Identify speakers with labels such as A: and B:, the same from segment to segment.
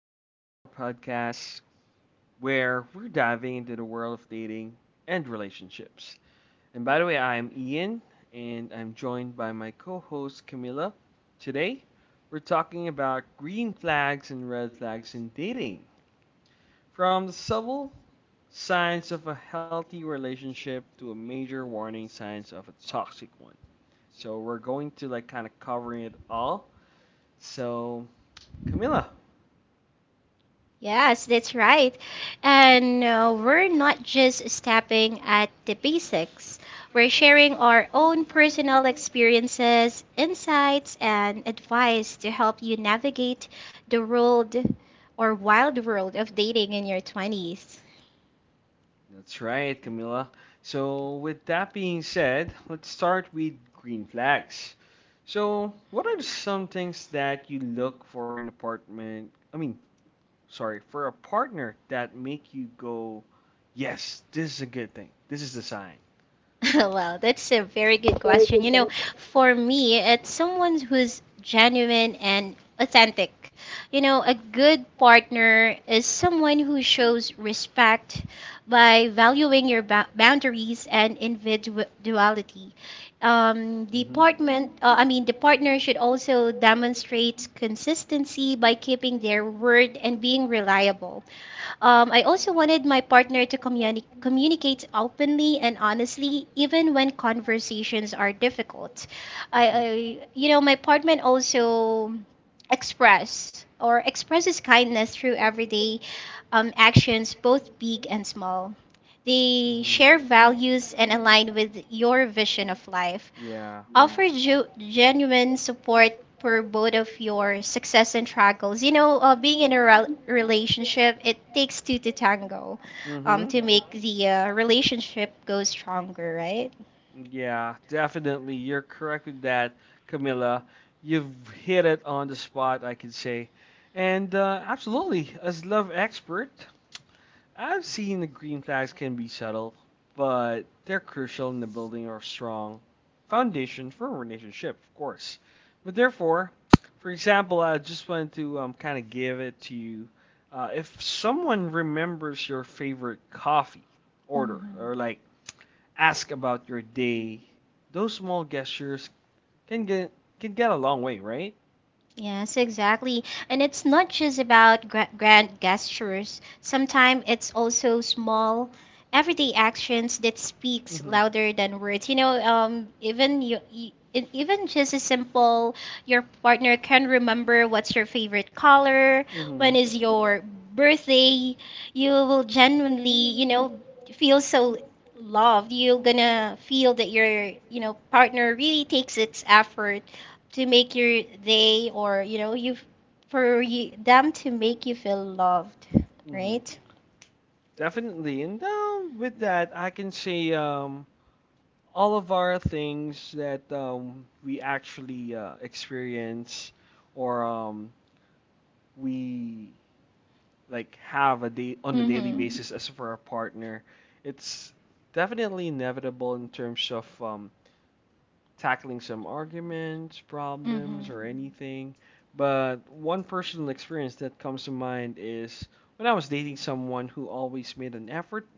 A: welcome to our podcast where we're diving into the world of dating and relationships. And by the way, I'm Ian and I'm joined by my co host Camilla. Today, we're talking about green flags and red flags in dating from the subtle signs of a healthy relationship to a major warning signs of a toxic one. So, we're going to like kind of covering it all. So, Camilla.
B: Yes, that's right. And we're not just stopping at the basics. We're sharing our own personal experiences, insights, and advice to help you navigate the world or wild world of dating in your 20s.
A: That's right, Camilla. So, with that being said, let's start with green flags. So, what are some things that you look for in apartment? I mean, sorry, for a partner that make you go, yes, this is a good thing. This is the sign.
B: Well, that's a very good question. You know, for me, it's someone who's genuine and authentic. You know, a good partner is someone who shows respect by valuing your boundaries and individuality. Um,
A: Mm-hmm.
B: department, uh, I mean, the partner should also demonstrate consistency by keeping their word and being reliable. I also wanted my partner to communicate openly and honestly, even when conversations are difficult. I you know, my partner
A: Hmm.
B: also expresses kindness through everyday actions, both big and small. They
A: Mhm.
B: share values and align with your vision of life,
A: Yeah.
B: offer genuine support for both of your success and struggles. You know, being in a relationship, it takes two to tango
A: Mhm.
B: to make the relationship go stronger, right?
A: Right? Yeah, definitely. You're correct with that, Camilla. You've hit it on the spot, I could say. And absolutely, as love expert, I've seen the green flags can be subtle, but they're crucial in the building or strong foundation for a relationship, of course. But therefore, for example, I just wanted to kind of give it to you. If someone remembers your favorite coffee order or
B: Mhm.
A: like ask about your day, those small gestures can get can get a long way, right?
B: Yes, exactly. And it's not just about grand gestures. Sometimes it's also small, everyday actions that speaks
A: Mhm.
B: louder than words. You know, even just a simple, your partner can remember what's your favorite color, when
A: Mhm.
B: is your birthday. You will genuinely, you know, feel so loved, you're gonna feel that your, you know, partner really takes its effort to make your day or, you know, you for you, them to make you feel loved,
A: Mhm.
B: right?
A: Definitely. And with that, I can say all of our things that we actually experience or we like have a day on a daily
B: Mhm.
A: basis as for our partner, it's definitely inevitable in terms of tackling some arguments, problems, or anything. But one personal experience that comes to mind is when I was dating someone who always made an effort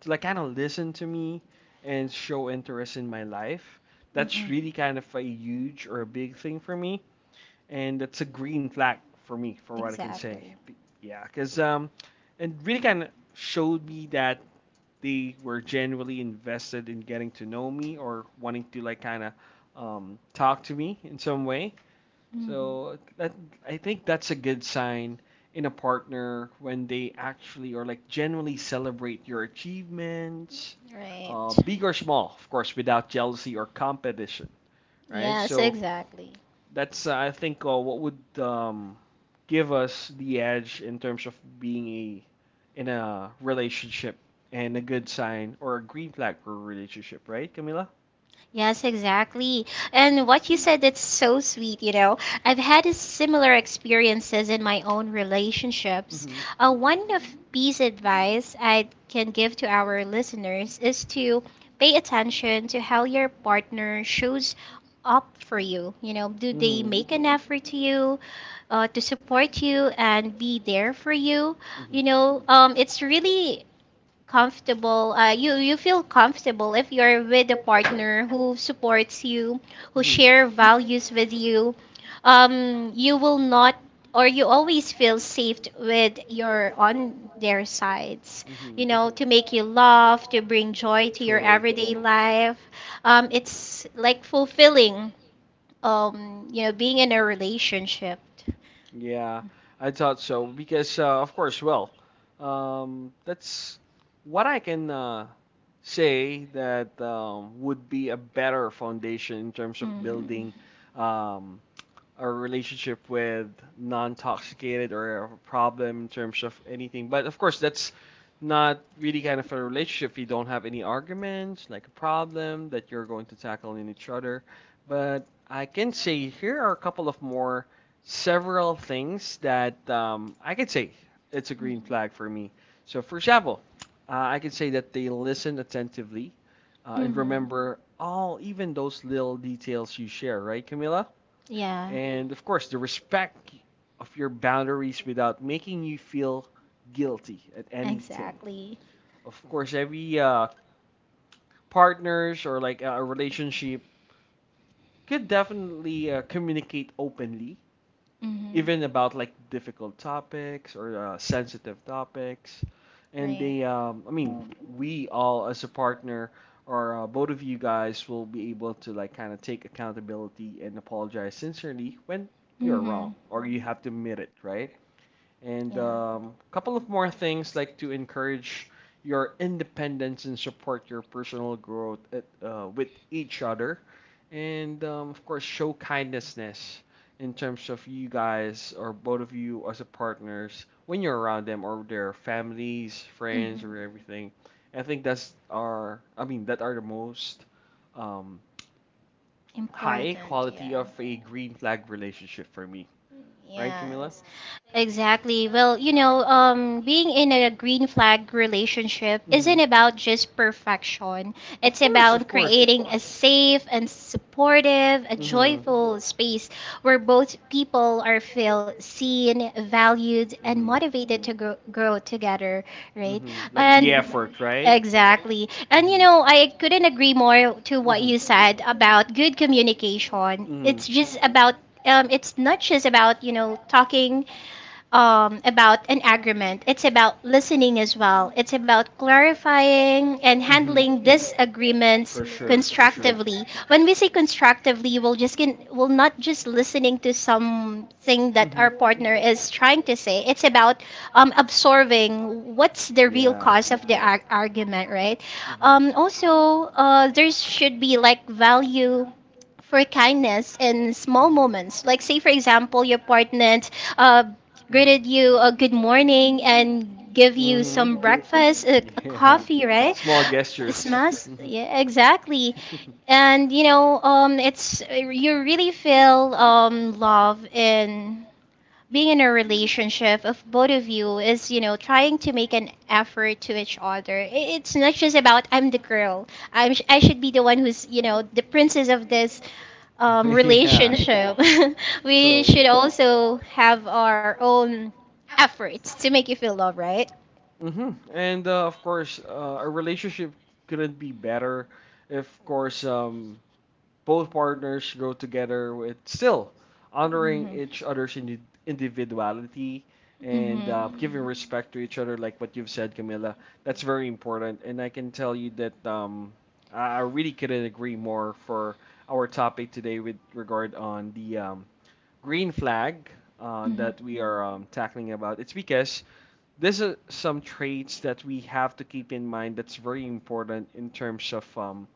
A: to like kind of listen to me and show interest in my life. That's really kind of a huge or a big thing for me, and that's a green flag for me, for what I can say. Yeah, because it really kind of showed me that they were genuinely invested in getting to know me or wanting to like kind of talk to me in some way. So that I think that's a good sign in a partner when they actually or like genuinely celebrate your achievements,
B: Right.
A: big or small, of course, without jealousy or competition, right?
B: Yes,
A: So
B: exactly.
A: that's I think what would give us the edge in terms of being a in a relationship and a good sign or a green flag for a relationship, right, Camila?
B: Yes, exactly. And what you said, it's so sweet, you know. I've had a similar experiences in my own relationships.
A: Mm-hmm.
B: One of piece advice I can give to our listeners is to pay attention to how your partner shows up for you. You know, do
A: Mm-hmm.
B: they
A: Mm-hmm.
B: make an
A: Mm-hmm.
B: effort to you, to support you and be there for you? You know, it's really comfortable you you feel comfortable if you're with a partner who supports you, who share values with you. You will not, or you always feel safe with your on their sides, you know, to make you laugh, to bring joy
A: Mm-hmm.
B: to your
A: Totally.
B: everyday life. It's like fulfilling, you know, being in a relationship.
A: Yeah, I thought so because, of course, well, that's what I can say that would be a better foundation in terms of building um, a relationship with non-toxicated or a problem in terms of anything. But of course, that's not really kind of a relationship if you don't have any arguments, like a problem that you're going to tackle in each other. But I can say here are a couple of more several things that I could say it's a green flag for me. So, for example, I could say that they listen attentively and remember all, even those little details you share, right, Camila? And of course, the respect of your boundaries without making you feel guilty at anything.
B: Exactly.
A: Of course, every partners or like a relationship could definitely communicate openly
B: Mhm.
A: even about like difficult topics or sensitive topics. And
B: Right.
A: I mean, we all as a partner or both of you guys will be able to like kind of take accountability and apologize sincerely when you're wrong or you have to admit it, right? And a couple of more things like to encourage your independence and support your personal growth with each other. And of course, show kindness in terms of you guys or both of you as a partners when you're around them or their families, friends, or everything. I think I mean, that are the most um, high quality of a green flag relationship for me. Right, Camila?
B: Yes, exactly. Well, you know, being in a green flag relationship isn't about just perfection. It's about creating a safe and supportive, a joyful space where both people are feel seen, valued, and motivated to grow together, right?
A: Mm-hmm.
B: And exactly. And you know, I couldn't agree more to what you said about good communication. It's not just about, you know, talking about an agreement. It's about listening as well. It's about clarifying and handling disagreements constructively. When we say constructively, we'll not just listening to something that
A: Mhm.
B: our partner is trying to say. It's about absorbing what's the real cause of the argument, right?
A: Hmm.
B: Also, there should be like value for kindness in small moments.
A: Mhm.
B: Like, say, for example, your partner uh, greeted you a good morning and give you
A: Mhm.
B: some breakfast, a coffee, right? Smells,
A: Mhm.
B: yeah, exactly. And you know, it's you really feel love in being in a relationship of both of you is you know trying to make an effort to each other. It's not just about I'm the girl, I should be the one who's, you know, the princess of this relationship. We should also have our own efforts to make you feel loved, right?
A: Hmm. And of course, a relationship couldn't be better if, of course, both partners go together with still honoring each other's individuality and giving respect to each other, like what you've said, Camilla. That's very important. And I can tell you that I really couldn't agree more for our topic today with regard on the green flag that we are tackling about. It's because this is some traits that we have to keep in mind that's very important in terms of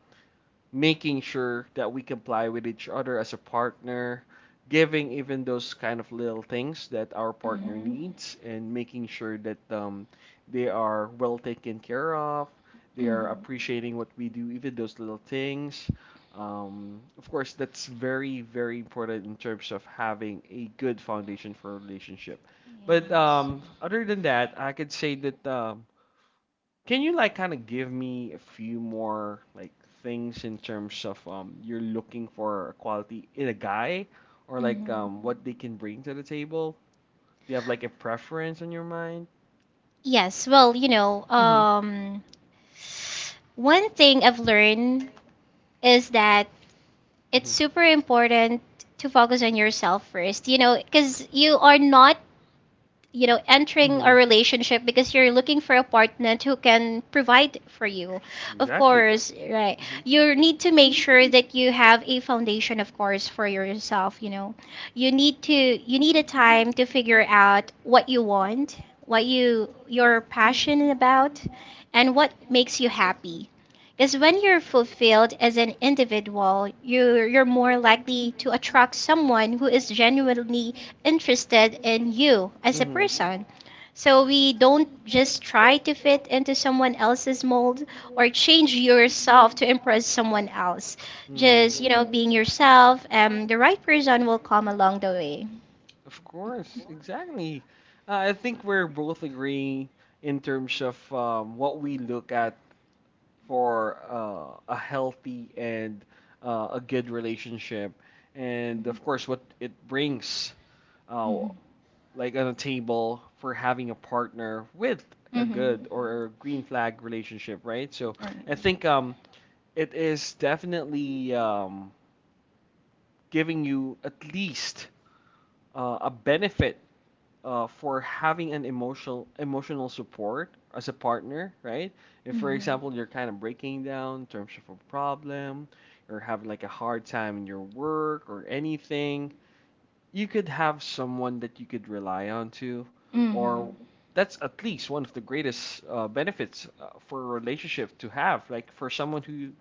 A: making sure that we comply with each other as a partner, giving even those kind of little things that our partner
B: Mhm.
A: needs, and making sure that they are well taken care of, they are
B: Mhm.
A: appreciating what we do, even those little things. Of course, that's very, very important in terms of having a good foundation for a relationship.
B: Yes.
A: But other than that, I could say that can you like kind of give me a few more like things in terms of you're looking for a quality in a guy or like
B: Mhm.
A: what they can bring to the table? Do you have like a preference on your mind?
B: Yes, well, you know,
A: Mm-hmm.
B: one thing I've learned is that it's
A: Mm-hmm.
B: super important to focus on yourself first, you know, because you are not, you know, entering
A: Mm-hmm.
B: a relationship because you're looking for a partner who can provide for you.
A: of
B: Of
A: Exactly.
B: course, right.
A: Mm-hmm.
B: You need to make sure that you have a foundation, of course, for yourself, you know. You need a time to figure out what you want, what you're passionate about, and what makes you happy, because when you're fulfilled as an individual, you're more likely to attract someone who is genuinely interested in you as a
A: Mm-hmm.
B: person. So we don't just try to fit into someone else's mold or change yourself to impress someone else. Just, you know, being
A: Mm-hmm.
B: yourself, the right person will come along the way.
A: Of course, exactly. I think we're both agreeing in terms of what we look at for a healthy and a good relationship, and of course, what it brings, uh,
B: Mhm.
A: like on a table for having a partner with a
B: Mm-hmm.
A: good or a green flag relationship, right? So
B: Right.
A: I think it is definitely giving you at least a benefit for having an emotional support as a partner, right? If, for example, you're kind of breaking down in terms of a problem, or having like a hard time in your work or anything, you could have someone that you could rely on to, or that's at least one of the greatest benefits for a relationship to have. Like for someone who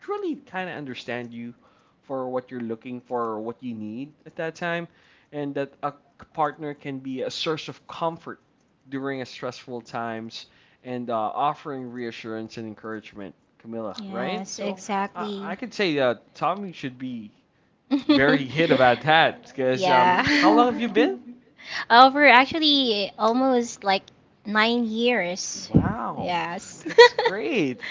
A: truly kind of understand you for what you're looking for or what you need at that time, and that a partner can be a source of comfort during a stressful times and offering reassurance and encouragement, Camilla, right? So I could say Tommy should be very hit about that because how long have you been
B: For actually almost like 9 years.
A: Wow,
B: Yes.
A: that's great.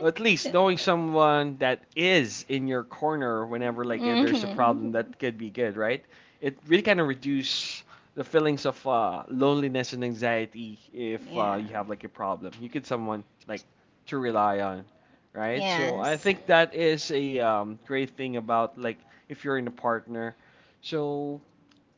A: Well, at least knowing someone that is in your corner whenever like if there's a
B: Mhm.
A: problem that could be good, right? It really kind of reduce the feelings of loneliness and anxiety if
B: Yeah.
A: you have like a problem. You get someone like to rely on, right? So I
B: Yes.
A: think that is a great thing about like if you're in a partner. So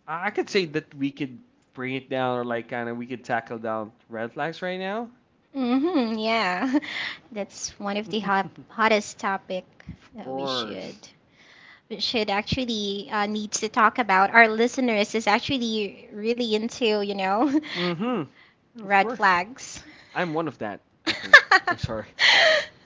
A: I could say that we could bring it down or like kind of we could tackle down red flags right now.
B: Mm-hmm, yeah. That's one of the hottest topic
A: Of
B: that
A: course.
B: should actually need to talk about. Our listeners is actually really into, you know,
A: Mm-hmm. Of
B: red
A: course.
B: flags.
A: I'm one of that, I think. I'm sorry.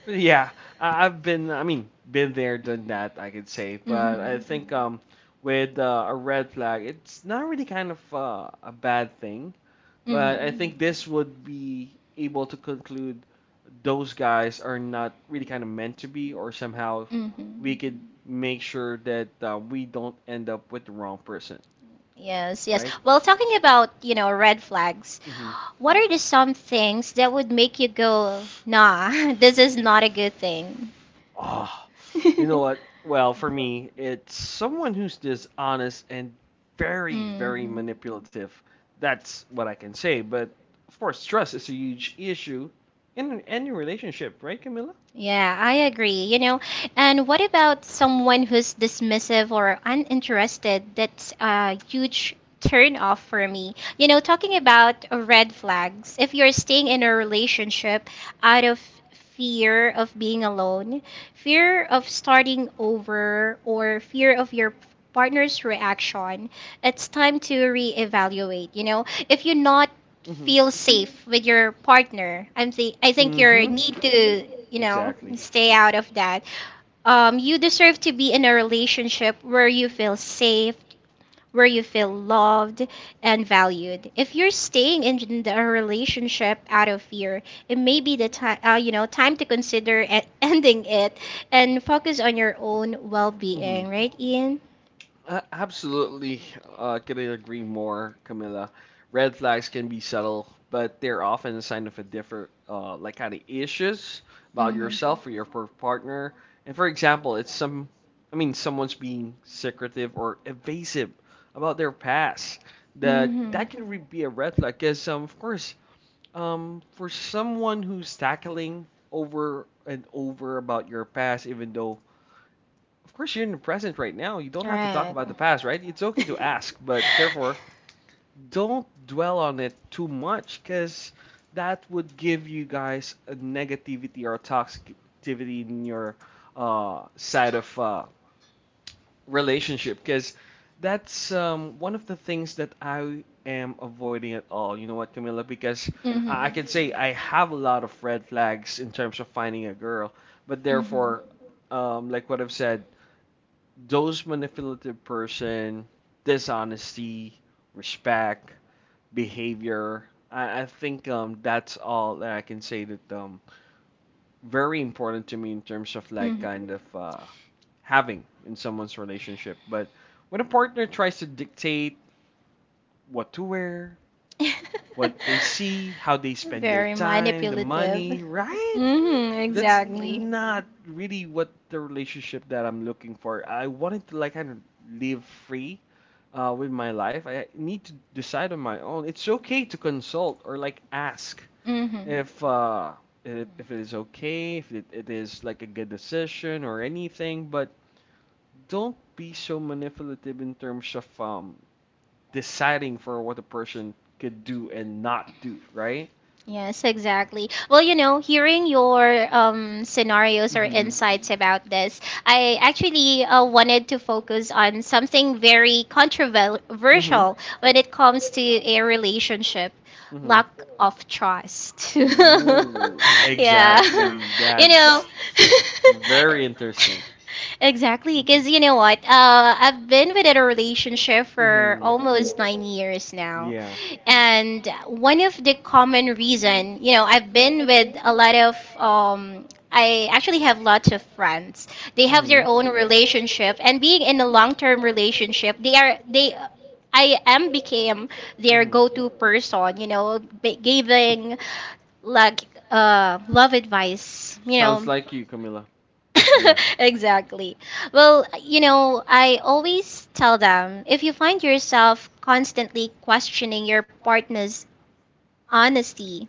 A: But yeah, I've been, I mean, been there, done that, I could say. But I
B: Mhm.
A: think with a red flag, it's not really kind of a bad thing. But I think this would be able to conclude those guys are not really kind of meant to be, or somehow
B: Mhm. Mhm.
A: we could make sure that we don't end up with the wrong person,
B: Yes, yes.
A: right?
B: Well, talking about, you know, red flags,
A: Mm-hmm.
B: what are the some things that would make you go, nah, this is not a good thing?
A: Ah. You know what? Well, for me, it's someone who's dishonest and very, very
B: Mhm.
A: manipulative. That's what I can say. But of course, trust is a huge issue in any relationship, right, Camilla?
B: Yeah, I agree. You know, and what about someone who's dismissive or uninterested? That's a huge turn off for me. You know, talking about red flags, if you're staying in a relationship out of fear of being alone, fear of starting over, or fear of your partner's reaction, it's time to reevaluate. You know, if you're not
A: Mm-hmm.
B: feel safe with your partner. I think you
A: Mm-hmm.
B: need to, you know,
A: Exactly.
B: stay out of that. You deserve to be in a relationship where you feel safe, where you feel loved and valued. If you're staying in the relationship out of fear, it may be the time, you know, time to consider ending it and focus on your own
A: Mm-hmm.
B: well-being, right, Ian?
A: Absolutely, couldn't agree more, Camilla. Red flags can be subtle, but they're often a sign of a different, like kind of issues about yourself or your partner. And for example, I mean, someone's being secretive or evasive about their past. That can be a red flag, because of course, for someone who's tackling over and over about your past, even though of course, you're in the present right now. You don't have to talk about
B: Want
A: the past, right? It's okay to ask, but therefore, don't dwell on it too much because that would give you guys a negativity or a toxicity in your side of relationship because that's one of the things that I am avoiding at all. You know what, Camila? Because I can say I have a lot of red flags in terms of finding a girl, but therefore, like what I've said, those manipulative person, dishonesty, respect, behavior. I think that's all that I can say that very important to me in terms of like kind of having in someone's relationship. But when a partner tries to dictate what to wear,
B: what
A: what they see, how they spend your time, the money, right? That's not really what the relationship that I'm looking for. I wanted to like kind of live free with my life. I need to decide on my own. It's okay to consult or like ask if uh, if it is okay, if it is like a good decision or anything, but don't be so manipulative in terms of deciding for what a person could do and not do, right?
B: Yes, exactly. Well, you know, hearing your scenarios or
A: Mhm.
B: insights about this, I actually wanted to focus on something very controversial when it comes to a relationship,
A: Mhm.
B: lack of trust.
A: Yeah.
B: Yeah.
A: Yeah.
B: You know,
A: Very interesting.
B: exactly, because you know what? I've been within a relationship for
A: Mhm.
B: almost 9 years now.
A: Yeah.
B: And one of the common reason, you know, I actually have lots of friends. They have their own relationship and being in a long-term relationship, they are they I am became their go-to
A: Mhm.
B: person, you know, giving like love advice, you
A: Sounds
B: know.
A: like you, Camila.
B: Exactly. Well, you know, I always tell them, if you find yourself constantly questioning your partner's honesty,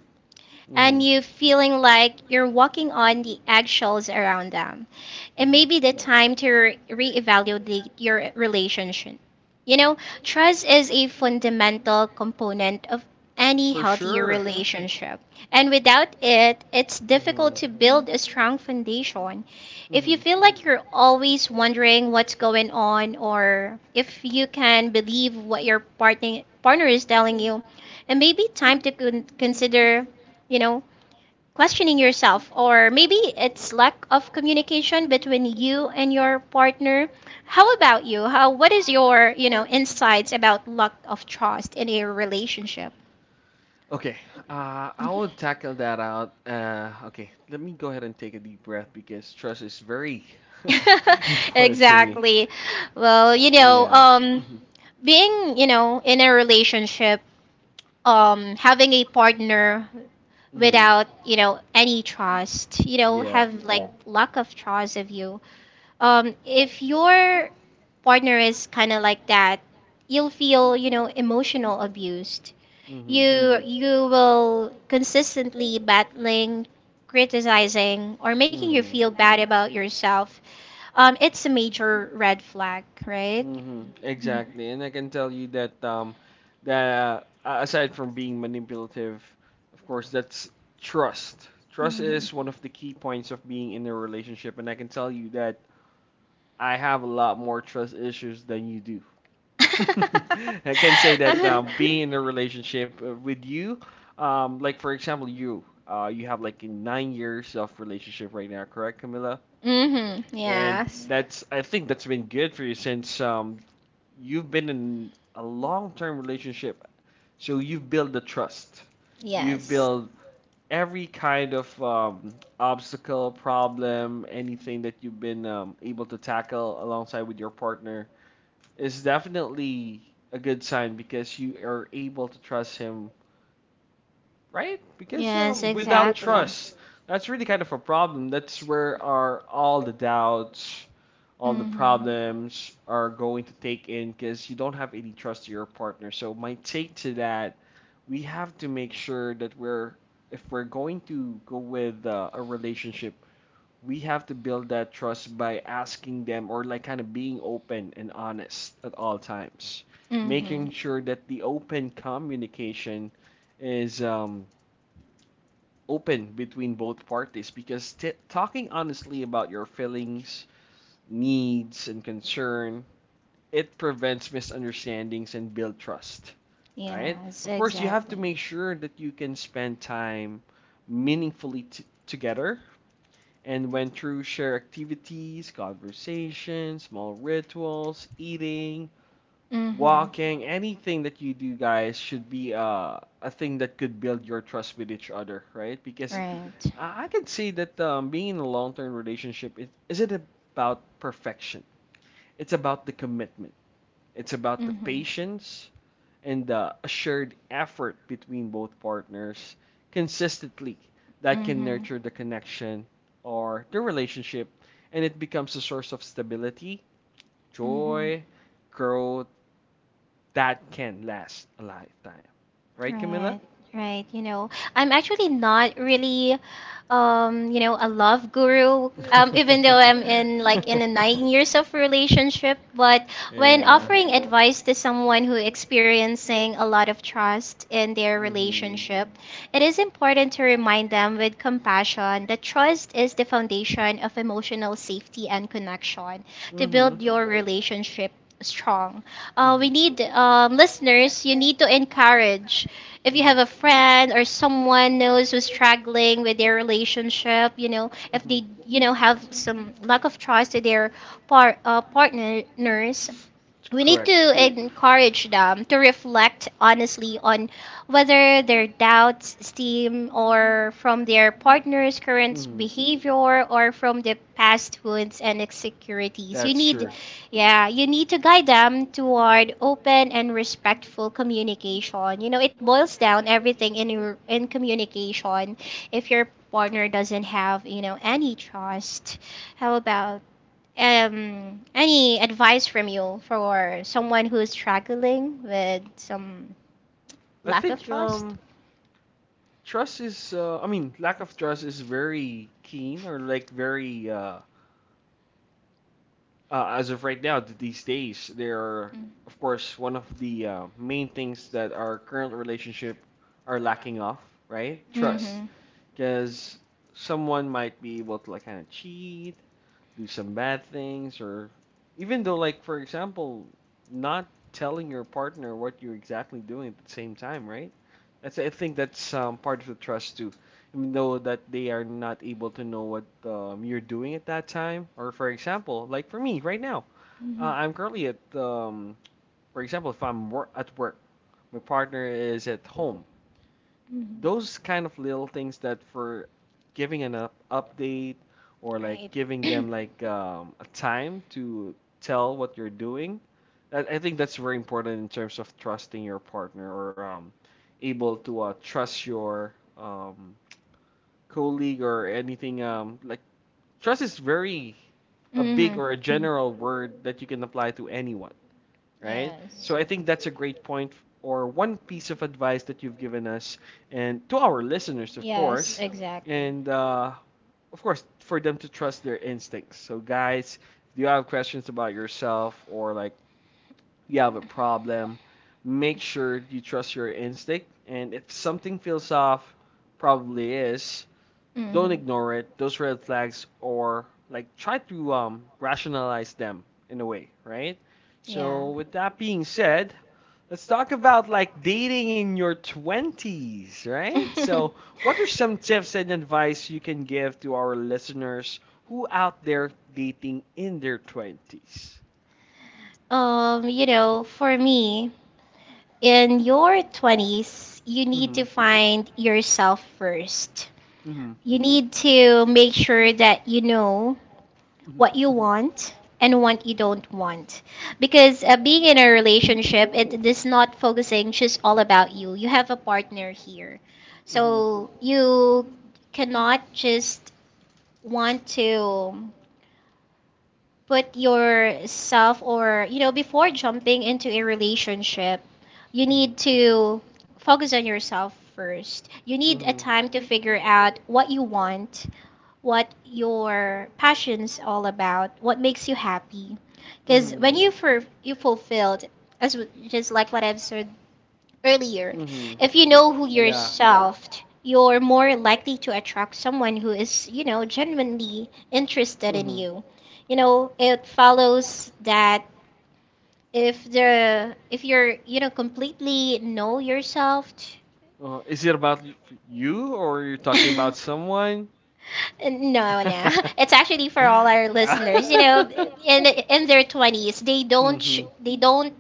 B: and you
A: Mhm.
B: feeling like you're walking on the eggshells around them. It may be the time to reevaluate your relationship. You know, trust is a fundamental component of any healthy relationship. And without it, it's difficult
A: Mhm.
B: to build a strong foundation. If you feel like you're always wondering what's going on or if you can believe what your partner is telling you, it may be time to consider, you know, questioning yourself, or maybe it's lack of communication between you and your partner. How about you? How what is your, you know, insights about lack of trust in a relationship?
A: Okay, I will tackle that out. Okay, let me go ahead and take a deep breath because trust is very.
B: Exactly. Well, you know,
A: Mhm,
B: being, you know, in a relationship, having a partner
A: mhm,
B: without, you know, any trust, you know, have like Yeah. lack of trust of you. If your partner is kind of like that, you'll feel, you know, emotional abused.
A: mhm,
B: You Mm. you will consistently battling, criticizing, or making you
A: mm-hmm.
B: feel bad about yourself. It's a major red flag, right?
A: Mm-hmm.
B: Mhm.
A: Exactly. And I can tell you that that aside from being manipulative, of course, that's trust. Trust is one of the key points of being in a relationship, and I can tell you that I have a lot more trust issues than you do. I can say that
B: Mhm.
A: being in a relationship with you, like for example, you, you have like 9 years of relationship right now, correct, Camilla?
B: hmm And
A: And
B: yes.
A: that's I think that's been good for you since you've been in a long-term relationship. So you've built the trust. You've
B: Yes.
A: built every kind of obstacle, problem, anything that you've been able to tackle alongside with your partner is definitely a good sign because you are able to trust him, right? Because
B: Yes,
A: without
B: exactly.
A: trust, that's really kind of a problem. That's where our all the doubts, all the
B: Mm-hmm.
A: problems are going to take in because you don't have any trust to your partner. So my take to that, we have to make sure that we're if we're going to go with a relationship we have to build that trust by asking them or like kind of being open and honest at all times, making
B: Mm-hmm.
A: sure that the open communication is open between both parties because talking honestly about your feelings, needs and concern, it prevents misunderstandings and build trust, right?
B: Yes,
A: Of course you have
B: exactly.
A: to make sure that you can spend time meaningfully together and went through shared activities, conversations, small rituals, eating,
B: Mm-hmm.
A: walking, anything that you do, guys, should be a thing that could build your trust with each other, right? Because
B: Right.
A: I can say that being in a long term relationship isn't about perfection, it's about the commitment. It's about the patience and the assured effort between both partners consistently that can nurture the connection or the relationship, and it becomes a source of stability, joy, growth that can last a lifetime. Right, Camilla?
B: Right, right. You know, I'm actually not really, you know, a love guru. Even though I'm in like in a 9 years of relationship, but when offering advice to someone who experiencing a lot of trust in their relationship, it is important to remind them with compassion that trust is the foundation of emotional safety and connection to
A: to
B: build your relationship strong. We need listeners. You need to encourage. If you have a friend or someone knows who's struggling with their relationship, you know, if they you know have some lack of trust to their partners, we need
A: Correct.
B: to
A: Correct.
B: encourage them to reflect honestly on whether their doubts stem or from their partner's current
A: Mhm.
B: behavior or from the past wounds and insecurities. You
A: That's And
B: need
A: true.
B: yeah, you need to guide them toward open and respectful communication. You know, it boils down everything in in communication. If your partner doesn't have, you know, any trust, how about any advice from you for someone who is struggling with some
A: I
B: lack of
A: think
B: trust?
A: Trust is I mean, lack of trust is very keen or like very as of right now, these
B: They
A: days they are
B: Mm.
A: of course one of the main things that our current relationship are lacking of, right? Mhm.
B: Mhm.
A: Trust. Because someone might be able to like kind of cheat, do some bad things, or even though like for example, not telling your partner what you're exactly doing at the same time, right? That's I think that's part of the trust too. Even though that they are not able to know what you're doing at that time, or for example, like for me right now, I'm currently at for example, if I'm at work, my partner is at home, those kind of little things that for giving an up update or like giving them like a time to tell what you're doing, I think that's very important in terms of trusting your partner or able to trust your colleague or anything like trust is very a big or a general word that you can apply to anyone, right? So I think that's a great point or one piece of advice that you've given us and to our listeners, of course, and of course for them to trust their instincts. So guys, if you have questions about yourself or like you have a problem, make sure you trust your instinct. And if something feels off, probably is, don't
B: Mhm.
A: ignore it. Those red flags or like try to rationalize them in a way, right? So, with that being said, let's talk about like dating in your 20s, right? So, what are some tips and advice you can give to our listeners who out there dating in their 20s?
B: You know, for me, in your 20s, you need
A: Mhm.
B: to find yourself first.
A: Mhm.
B: You need to make sure that you know
A: Mhm.
B: what you want and what you don't want. Because being in a
A: Mhm.
B: relationship, it is not focusing just all about you. You have a partner here.
A: Mhm.
B: So you cannot just want to put yourself or, before jumping into a relationship, you
A: So
B: need
A: Mhm.
B: to focus on yourself first. You need a
A: Mhm.
B: time to figure out what you want, what your passion's all about, what makes you happy. Because
A: Mm-hmm.
B: when
A: Mhm.
B: you for you fulfilled, as just like what I've said earlier,
A: Mm-hmm.
B: if you know who
A: Yeah.
B: yourself, you're more likely to attract someone who is, genuinely interested in
A: Mm-hmm.
B: you. You know, it follows that if you're, completely know yourself,
A: Is it about you or you're talking about someone?
B: No, no. It's actually for all our listeners. You know, in their 20s, they don't sh-
A: Mm-hmm.
B: they don't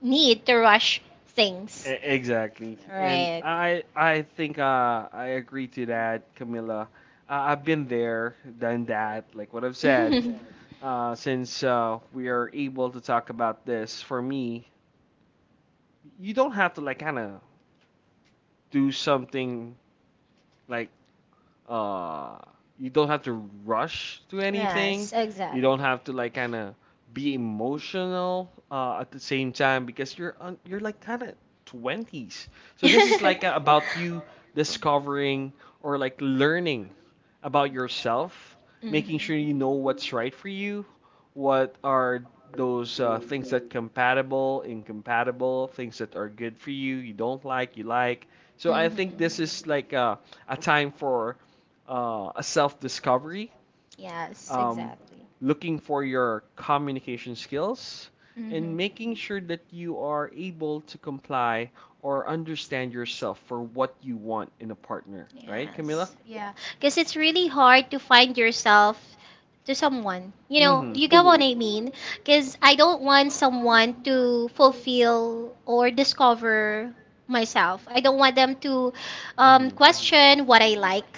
B: need to rush things.
A: Exactly. And
B: Right.
A: right. I think I agree to that, Camilla. I've been there, done that, like what I've said. Since we are able to talk about this, for me, you don't have to like kind of do something like uh you don't have to rush to anything.
B: Yes,
A: You
B: exactly.
A: don't have to like kind of be emotional at the same time because you're like kind of 20s. So this is like about you discovering or like learning about yourself, making sure you
B: Mm-hmm.
A: know what's right for you, what are those things that compatible, incompatible, things that are good for you, you don't like, you like. So I
B: Mm-hmm.
A: think this is like a time for a self discovery,
B: Yes,
A: um, looking for your communication skills, and making sure that you are able to comply or understand yourself for what you want in a partner.
B: right,
A: Right, Camila?
B: Camilla? Yeah. Because it's really hard to find yourself to
A: Someone. You know,
B: someone. You know,
A: mm-hmm,
B: you
A: you
B: get
A: know
B: what
A: what
B: Mhm.
A: I
B: I
A: mean?
B: mean? Because I don't want someone to fulfill or discover myself. I don't want them to
A: Mm-hmm. Question
B: question
A: what
B: what I
A: I like.
B: like.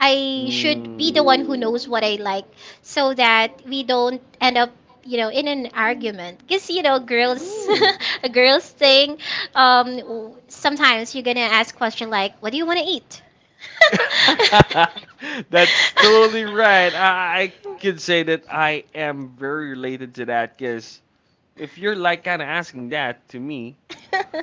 A: I
B: I should
A: should be
B: be
A: the
B: the
A: Mm. one
B: one
A: who
B: who
A: knows
B: knows
A: what
B: what
A: I
B: I
A: like,
B: like, so that we don't end up, you
A: you
B: know
A: know,
B: in
A: in
B: an
A: an argument.
B: argument, because
A: Because,
B: you
A: you
B: know
A: know, girls,
B: girls
A: mm.
B: a girls thing sometimes you're gonna ask question like what do you want to
A: That's totally right. I can say
B: eat.
A: that I am very related to that because if you're like kind of asking that to me,
B: Sorry.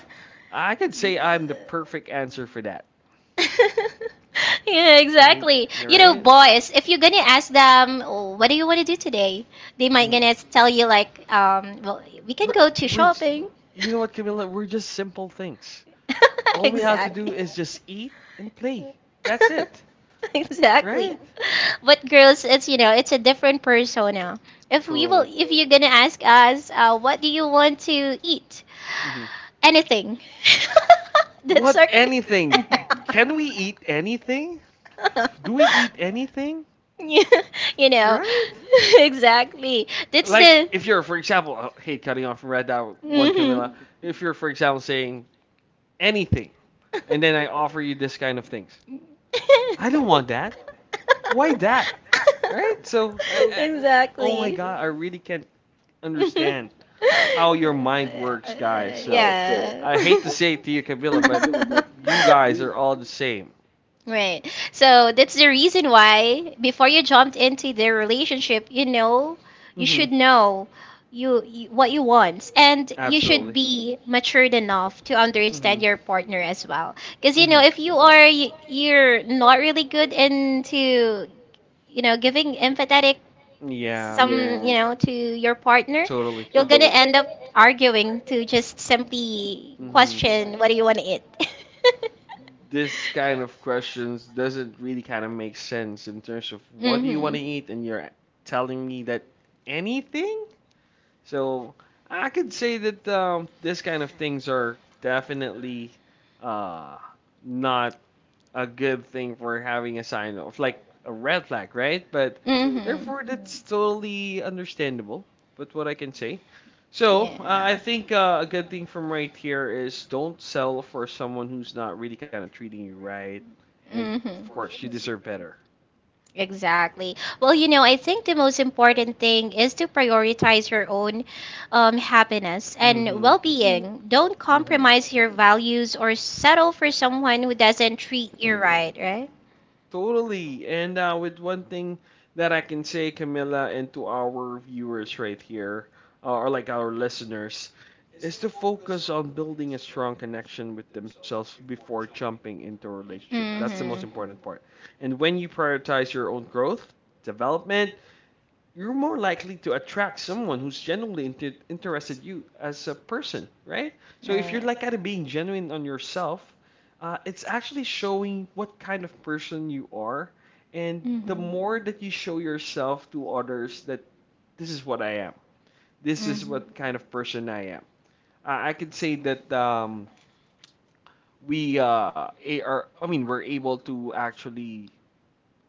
A: I could say
B: I
A: I'm the perfect answer for that.
B: for that. Yeah,
A: You
B: exactly.
A: know,
B: You know,
A: right? Little
B: boys, if you're gonna ask them, oh, what do you want to do today? They might
A: Mhm.
B: gonna tell you like, well, we can
A: We're-
B: go to
A: we're just-
B: shopping.
A: You know what, Camilla? We're just simple things. All we have to do
B: Exactly.
A: is just eat and play. That's it, right?
B: Exactly, but girls, it's, you know, it's a different persona, if we
A: Totally.
B: will, if you're gonna ask
A: Going
B: us what do you want to eat,
A: us, hmm.
B: anything. That's
A: What,
B: our
A: anything? Can we eat anything? Do we eat anything?
B: Yeah, you know.
A: Right?
B: Exactly, that's
A: Like
B: the
A: if you're, for example, I hate cutting off from Red Dot One, Camilla.
B: hmm.
A: If you're, for example, saying anything, and then I offer you this kind of things, I don't want
B: I
A: that. Why
B: that.
A: that? Right? So, oh my God, I really can't understand how your mind works, guys. So I hate to say it to you, Camilla, but you guys
B: Guys.
A: are all the same.
B: Right. So that's the reason why before you jumped into their relationship, you know, you
A: Hmm.
B: should know you what you want, and you should
A: Absolutely.
B: be matured enough to
A: Hmm.
B: understand
A: Hmm.
B: your partner as well. Cuz you know, if you are you're not really good into, you know, giving empathetic
A: Yeah,
B: some, yeah, you, yeah, know to your partner,
A: totally.
B: you're going to, so, end up arguing to just simply
A: Hmm.
B: question what do you want to eat.
A: This kind of questions doesn't really kind of make sense in terms of what do you want to eat and you're telling me that anything? So I could say that this kind of things are definitely uh, not a good thing for having a sign of like a red flag, right? But therefore, that's totally understandable. But what I can say, so I think a good thing from right here is don't sell for someone who's not really kind of treating you right,
B: And
A: and of course you deserve better.
B: exactly. Well, you know, I think the most important thing is to prioritize your own happiness and
A: Mm-hmm.
B: well being. Don't
A: Mm-hmm.
B: compromise your values or settle for someone who doesn't treat you right, right?
A: Totally. And with one thing that I can say, Camilla, and to our viewers right here, or like our listeners, is to focus on building a strong connection with themselves before jumping into a relationship. That's the most
B: Mhm.
A: important part. And when you prioritize your own growth, development, you're more likely to attract someone who's genuinely interested you as a person, right? So if
B: Right.
A: you're like kind of being genuine on yourself, it's actually showing what kind of person you are, and the more that you show yourself to others that this is what I am, this is what kind of person I am. I could say that we are, I mean, we're able to actually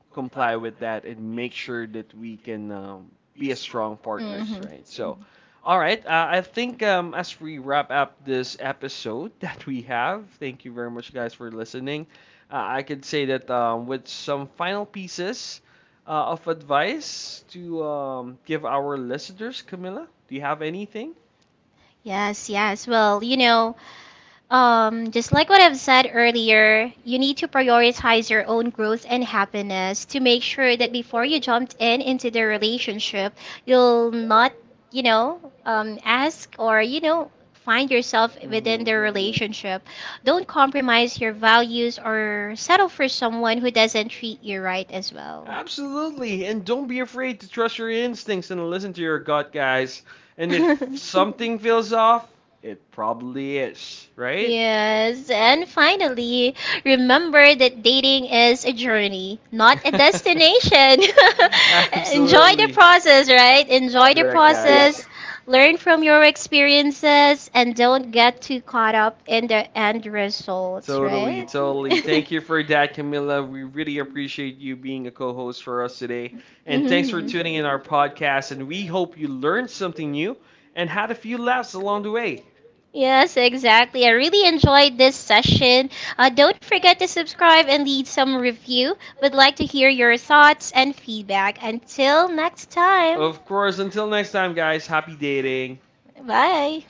A: comply with that and make sure that we can be a strong partners, right? So, all right, I think as we wrap up this episode that we have, thank you very much, guys, for listening. I could say that with some final pieces of advice to give our listeners, Camilla, do you have anything?
B: Yes, yes. Well, you know, just like what I've said earlier, you need to prioritize your own growth and happiness to make sure that before you jumped in into the relationship, you'll not, you know, ask or, you know, find yourself within the
A: Mhm.
B: relationship. Don't compromise your values or settle for someone who doesn't treat you right as well.
A: Absolutely. And don't be afraid to trust your instincts and listen to your gut, guys. And if something feels off, it probably is, right? Yes,
B: Yes,
A: and
B: and
A: finally,
B: finally,
A: we're
B: remember
A: at
B: that dating is a
A: the
B: journey, not
A: date, not
B: a
A: the destination.
B: destination.
A: Enjoy the
B: Enjoy the
A: Absolutely. Process,
B: process,
A: right?
B: right?
A: Enjoy the
B: Enjoy the
A: Correct,
B: process,
A: process, guys. Learn
B: learn
A: from
B: from your
A: experience,
B: experiences,
A: and
B: and
A: don't
B: don't
A: get
B: get too
A: caught
B: caught
A: up
B: up
A: in
B: in
A: the
B: the end results,
A: totally,
B: right?
A: totally. Thank you for that, Camilla. We really appreciate you being a co host for us today. And thanks for
B: Hmm.
A: tuning in our podcast. And we hope you learned something new and had a few laughs along the way.
B: Yes, exactly. I really enjoyed this session. Don't forget to subscribe and leave some review. Would like to hear your thoughts and feedback. Until next time.
A: Of course, until next time, guys, happy dating.
B: Bye.